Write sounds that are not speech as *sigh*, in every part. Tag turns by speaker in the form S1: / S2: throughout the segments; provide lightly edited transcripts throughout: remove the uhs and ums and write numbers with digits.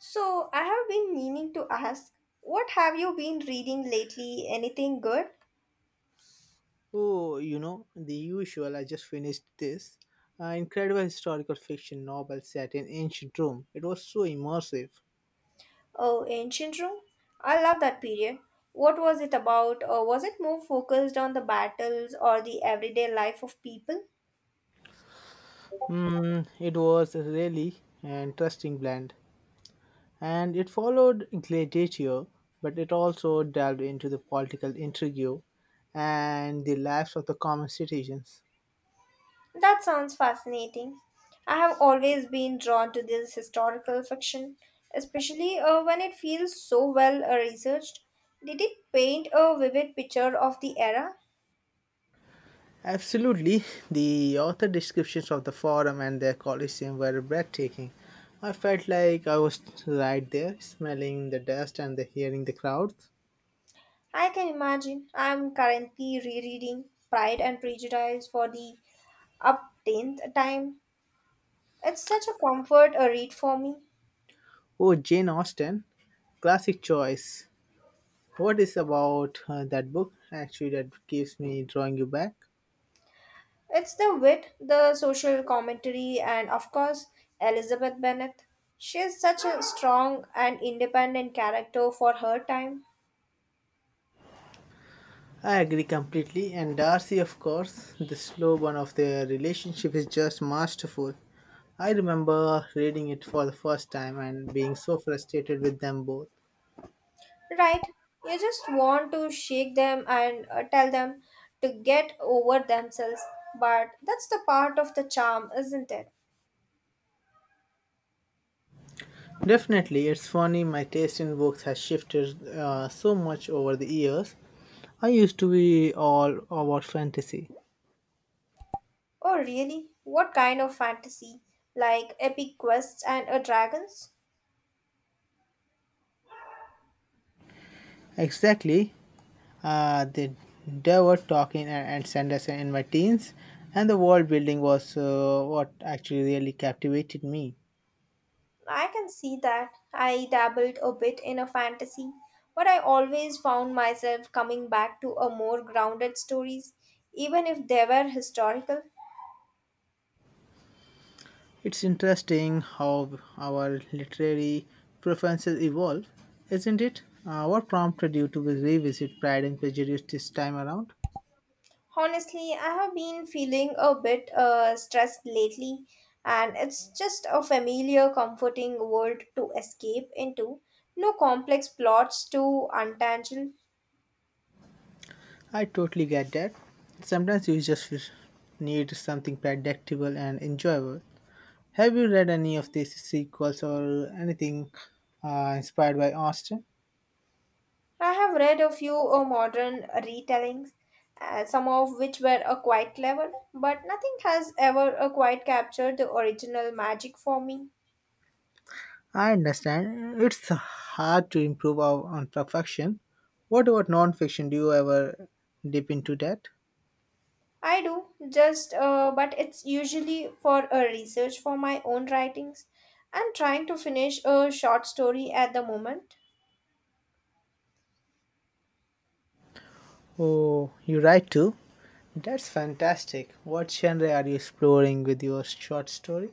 S1: So, I have been meaning to ask, what have you been reading lately? Anything good?
S2: Oh, you know, the usual. I just finished this incredible historical fiction novel set in ancient Rome. It was so immersive.
S1: Oh, Ancient Rome? I love that period. What was it about? Or was it more focused on the battles or the everyday life of people?
S2: Mm, it was a really an interesting blend. And it followed Gladiator, but it also delved into the political intrigue and the lives of the common citizens.
S1: That sounds fascinating. I have always been drawn to this historical fiction, especially when it feels so well researched. Did it paint a vivid picture of the era?
S2: Absolutely, the author descriptions of the forum and their coliseum were breathtaking. I felt like I was right there, smelling the dust and the hearing the crowds.
S1: I can imagine. I'm currently rereading Pride and Prejudice for the uptenth time. It's such a comfort a read for me.
S2: Oh, Jane Austen, classic choice. What is about that book actually that keeps me drawing you back?
S1: It's the wit, the social commentary, and of course, Elizabeth Bennet. She is such a strong and independent character for her time.
S2: I agree completely, and Darcy, of course, the slow burn of their relationship is just masterful. I remember reading it for the first time and being so frustrated with them both.
S1: Right? You just want to shake them and tell them to get over themselves, but that's the part of the charm, isn't it?
S2: Definitely, it's funny my taste in books has shifted so much over the years. I used to be all about fantasy.
S1: Oh, really? What kind of fantasy? Like epic quests and a dragons?
S2: Exactly, the devil talking and Sanderson in my teens, and the world building was what actually really captivated me.
S1: I can see that. I dabbled a bit in a fantasy, but I always found myself coming back to a more grounded stories, even if they were historical.
S2: It's interesting how our literary preferences evolve, isn't it? What prompted you to revisit Pride and Prejudice this time around?
S1: Honestly, I have been feeling a bit stressed lately, and it's just a familiar, comforting world to escape into. No complex plots to untangle.
S2: I totally get that. Sometimes you just need something predictable and enjoyable. Have you read any of these sequels or anything inspired by Austin?
S1: I have read a few modern retellings, some of which were quite clever, but nothing has ever quite captured the original magic for me.
S2: I understand. It's hard to on perfection. What about non-fiction? Do you ever dip into that?
S1: I do, just, but it's usually for a research for my own writings. I'm trying to finish a short story at the moment.
S2: Oh, you write too? That's fantastic. What genre are you exploring with your short story?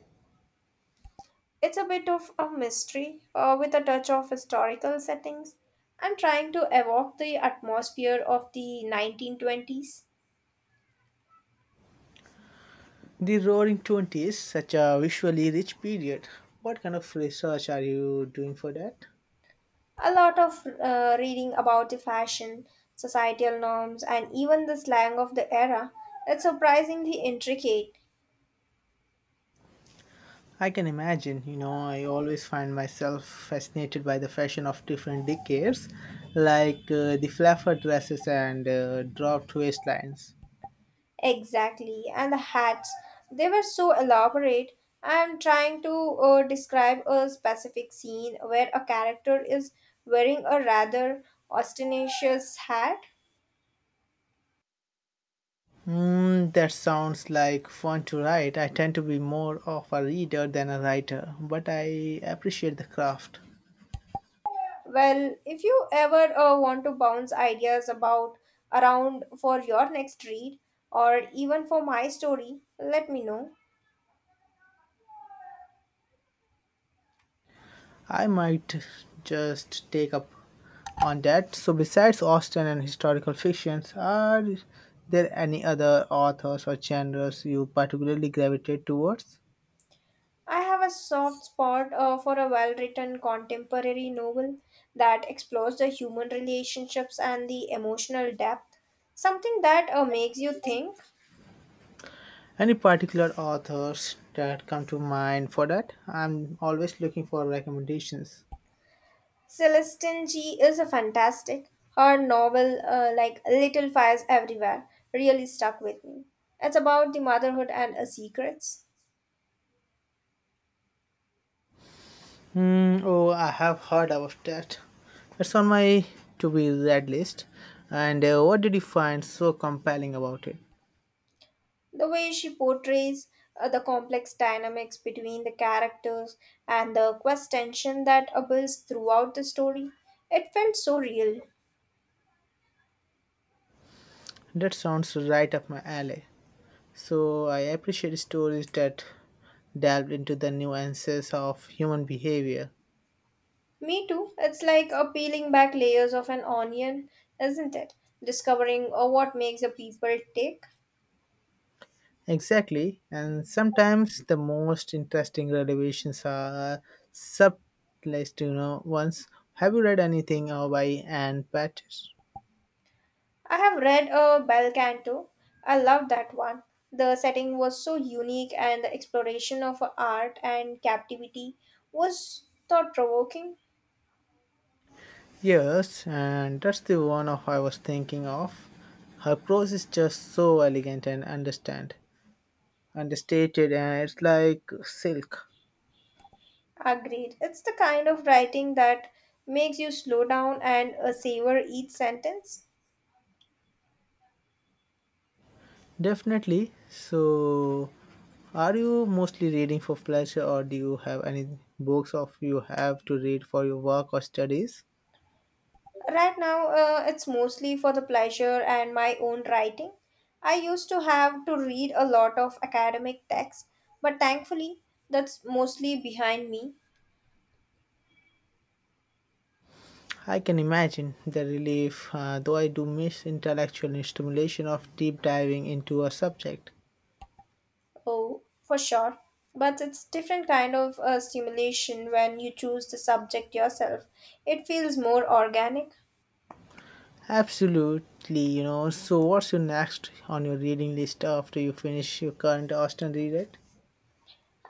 S1: It's a bit of a mystery with a touch of historical settings. I'm trying to evoke the atmosphere of the 1920s.
S2: The Roaring Twenties, such a visually rich period. What kind of research are you doing for that?
S1: A lot of reading about the fashion, societal norms, and even the slang of the era. It's surprisingly intricate.
S2: I can imagine, you know, I always find myself fascinated by the fashion of different decades, like the flapper dresses and dropped waistlines.
S1: Exactly. And the hats, they were so elaborate. I'm trying to describe a specific scene where a character is wearing a rather ostentatious hat.
S2: Mm, that sounds like fun to write. I tend to be more of a reader than a writer, but I appreciate the craft.
S1: Well, if you ever want to bounce ideas about around for your next read or even for my story, let me know.
S2: I might just take up on that. So, besides Austen and historical fictions, are there any other authors or genres you particularly gravitate towards?
S1: I have a soft spot for a well written contemporary novel that explores the human relationships and the emotional depth, something that makes you think.
S2: Any particular authors that come to mind for that? I'm always looking for recommendations.
S1: Celestine G is a fantastic. Her novel, like Little Fires Everywhere, really stuck with me. It's about the motherhood and secrets.
S2: Hmm. Oh, I have heard of that. It's on my to be read list. And what did you find so compelling about it?
S1: The way she portrays the complex dynamics between the characters and the quest tension that builds throughout the story, it felt so real.
S2: That sounds right up my alley. So I appreciate stories that delve into the nuances of human behavior.
S1: Me too. It's like peeling back layers of an onion, isn't it? Discovering what makes a people tick.
S2: Exactly, and sometimes the most interesting revelations are subtlest, you know, ones. Have you read anything by Anne Patches?
S1: I have read a Bel Canto. I love that one. The setting was so unique, and the exploration of art and captivity was thought provoking.
S2: Yes, and that's the one of I was thinking of. Her prose is just so elegant and understated, and it's like silk.
S1: Agreed. It's the kind of writing that makes you slow down and savor each sentence.
S2: Definitely. So, are you mostly reading for pleasure, or do you have any books of you have to read for your work or studies?
S1: Right now, it's mostly for the pleasure and my own writing. I used to have to read a lot of academic texts, but thankfully, that's mostly behind me.
S2: I can imagine the relief, though I do miss intellectual stimulation of deep diving into a subject.
S1: Oh, for sure. But it's different kind of stimulation when you choose the subject yourself. It feels more organic.
S2: Absolutely, you know. So, what's your next on your reading list after you finish your current Austin reread?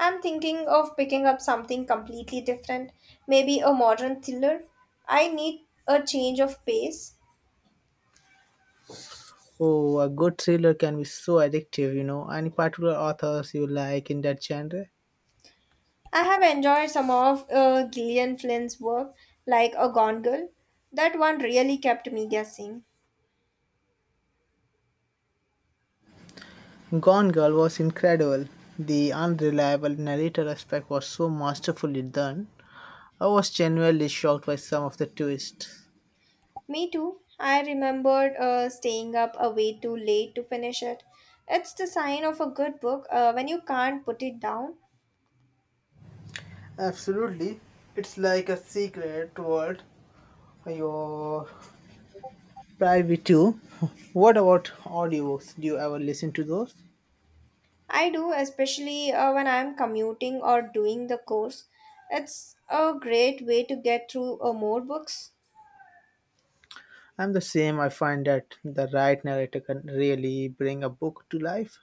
S1: I'm thinking of picking up something completely different, maybe a modern thriller. I need a change of pace.
S2: Oh, a good thriller can be so addictive, you know. Any particular authors you like in that genre?
S1: I have enjoyed some of Gillian Flynn's work, like A Gone Girl. That one really kept me guessing.
S2: Gone Girl was incredible. The unreliable narrator aspect was so masterfully done. I was genuinely shocked by some of the twists.
S1: Me too. I remembered staying up a way too late to finish it. It's the sign of a good book when you can't put it down.
S2: Absolutely. It's like a secret world you're private to. *laughs* What about audiobooks? Do you ever listen to those?
S1: I do, especially when I'm commuting or doing the course. It's a great way to get through more books.
S2: I'm the same. I find that the right narrator can really bring a book to life.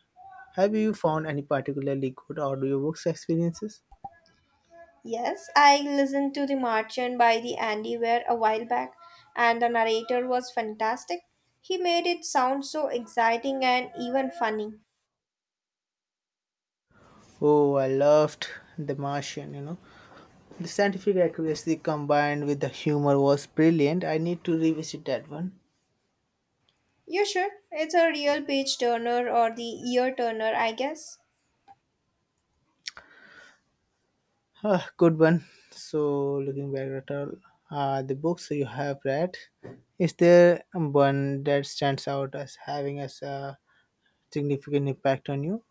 S2: Have you found any particularly good audiobooks experiences?
S1: Yes, I listened to The Martian by the Andy Weir a while back, and the narrator was fantastic. He made it sound so exciting and even funny.
S2: Oh, I loved The Martian, you know. The scientific accuracy combined with the humor was brilliant. I need to revisit that one.
S1: You should. It's a real page turner or the ear turner, I guess.
S2: Ah, good one. So, looking back at all the books you have read, is there one that stands out as having as a significant impact on you?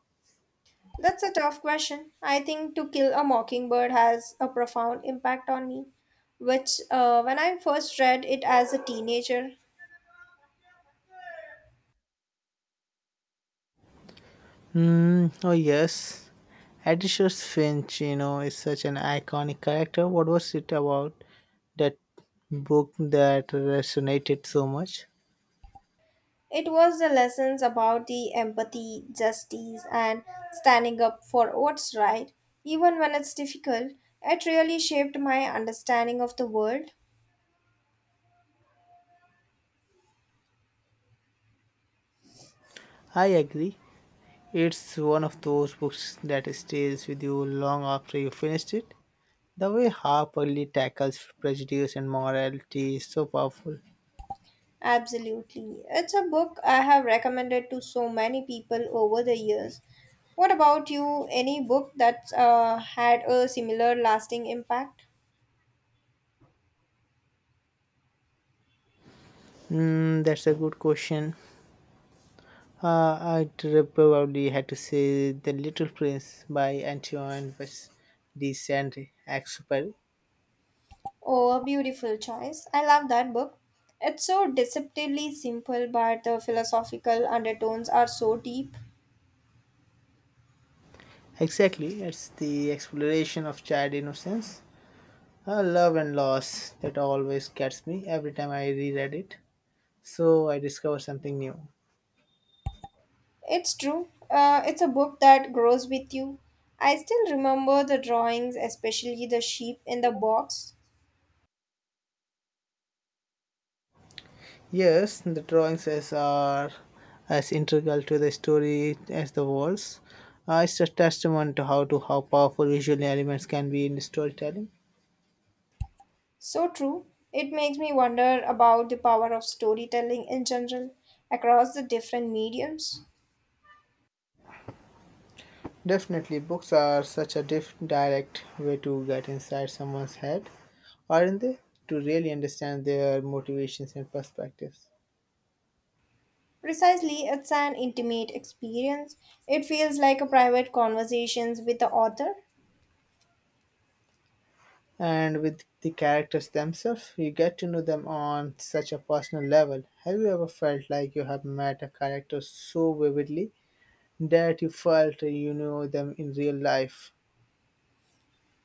S1: That's a tough question. I think To Kill a Mockingbird has a profound impact on me, which, when I first read it as a teenager,
S2: Hmm. Oh, yes. Atticus Finch, you know, is such an iconic character. What was it about that book that resonated so much?
S1: it was the lessons about the empathy, justice, and standing up for what's right, even when it's difficult. It really shaped my understanding of the world.
S2: I agree. It's one of those books that stays with you long after you finished it. The way Harper Lee tackles prejudice and morality is so powerful.
S1: Absolutely. It's a book I have recommended to so many people over the years. What about you? Any book that's had a similar lasting impact?
S2: Mm, that's a good question. Uh, I'd probably had to say The Little Prince by Antoine de Saint-Exupéry.
S1: Oh, a beautiful choice. I love that book. It's so deceptively simple, but the philosophical undertones are so deep.
S2: Exactly, it's the exploration of child innocence, love and loss that always gets me every time I reread it. So I discover something new.
S1: It's true. It's a book that grows with you. I still remember the drawings, especially the sheep in the box.
S2: Yes, the drawings as are as integral to the story as the walls. It's a testament to how powerful visual elements can be in storytelling.
S1: So true. It makes me wonder about the power of storytelling in general across the different mediums.
S2: Definitely, books are such a direct way to get inside someone's head, aren't they? To really understand their motivations and perspectives.
S1: Precisely, it's an intimate experience. It feels like a private conversations with the author.
S2: And with the characters themselves, you get to know them on such a personal level. Have you ever felt like you have met a character so vividly that you felt you know them in real life.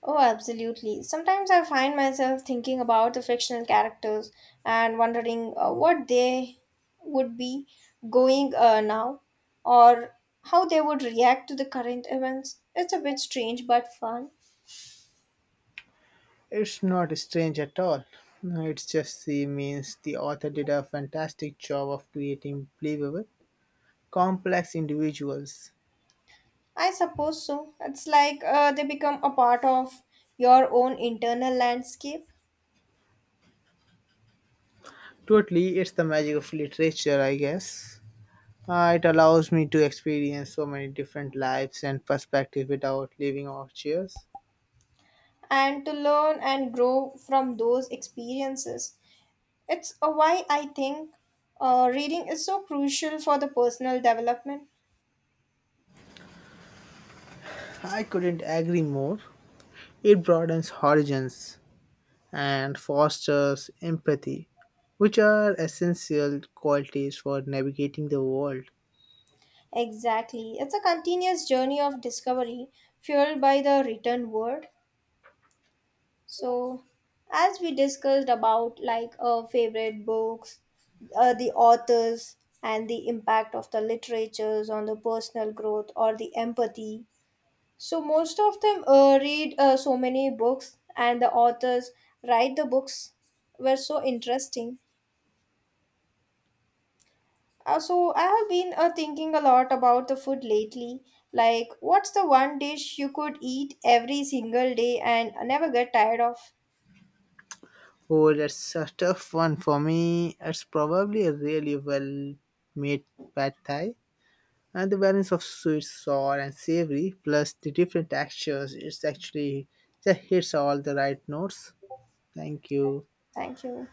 S1: Oh, absolutely. Sometimes I find myself thinking about the fictional characters and wondering what they would be going now or how they would react to the current events. It's a bit strange but fun.
S2: It's not strange at all. It's just the means the author did a fantastic job of creating believable, complex individuals.
S1: I suppose so. It's like they become a part of your own internal landscape
S2: Totally, it's the magic of literature, I guess. It allows me to experience so many different lives and perspectives without leaving our chairs.
S1: and to learn and grow from those experiences. It's why I think reading is so crucial for the personal development.
S2: I couldn't agree more. It broadens horizons and fosters empathy, which are essential qualities for navigating the world.
S1: Exactly. It's a continuous journey of discovery fueled by the written word. So, as we discussed about like our favorite books, the authors, and the impact of the literatures on the personal growth or the empathy. So, most of them read so many books, and the authors write the books were so interesting. So I have been thinking a lot about the food lately. Like, what's the one dish you could eat every single day and never get tired of?
S2: Oh, that's a tough one for me. It's probably a really well made pad thai. And the balance of sweet, sour, and savory, plus the different textures, it's actually just hits all the right notes. Thank you.
S1: Thank you.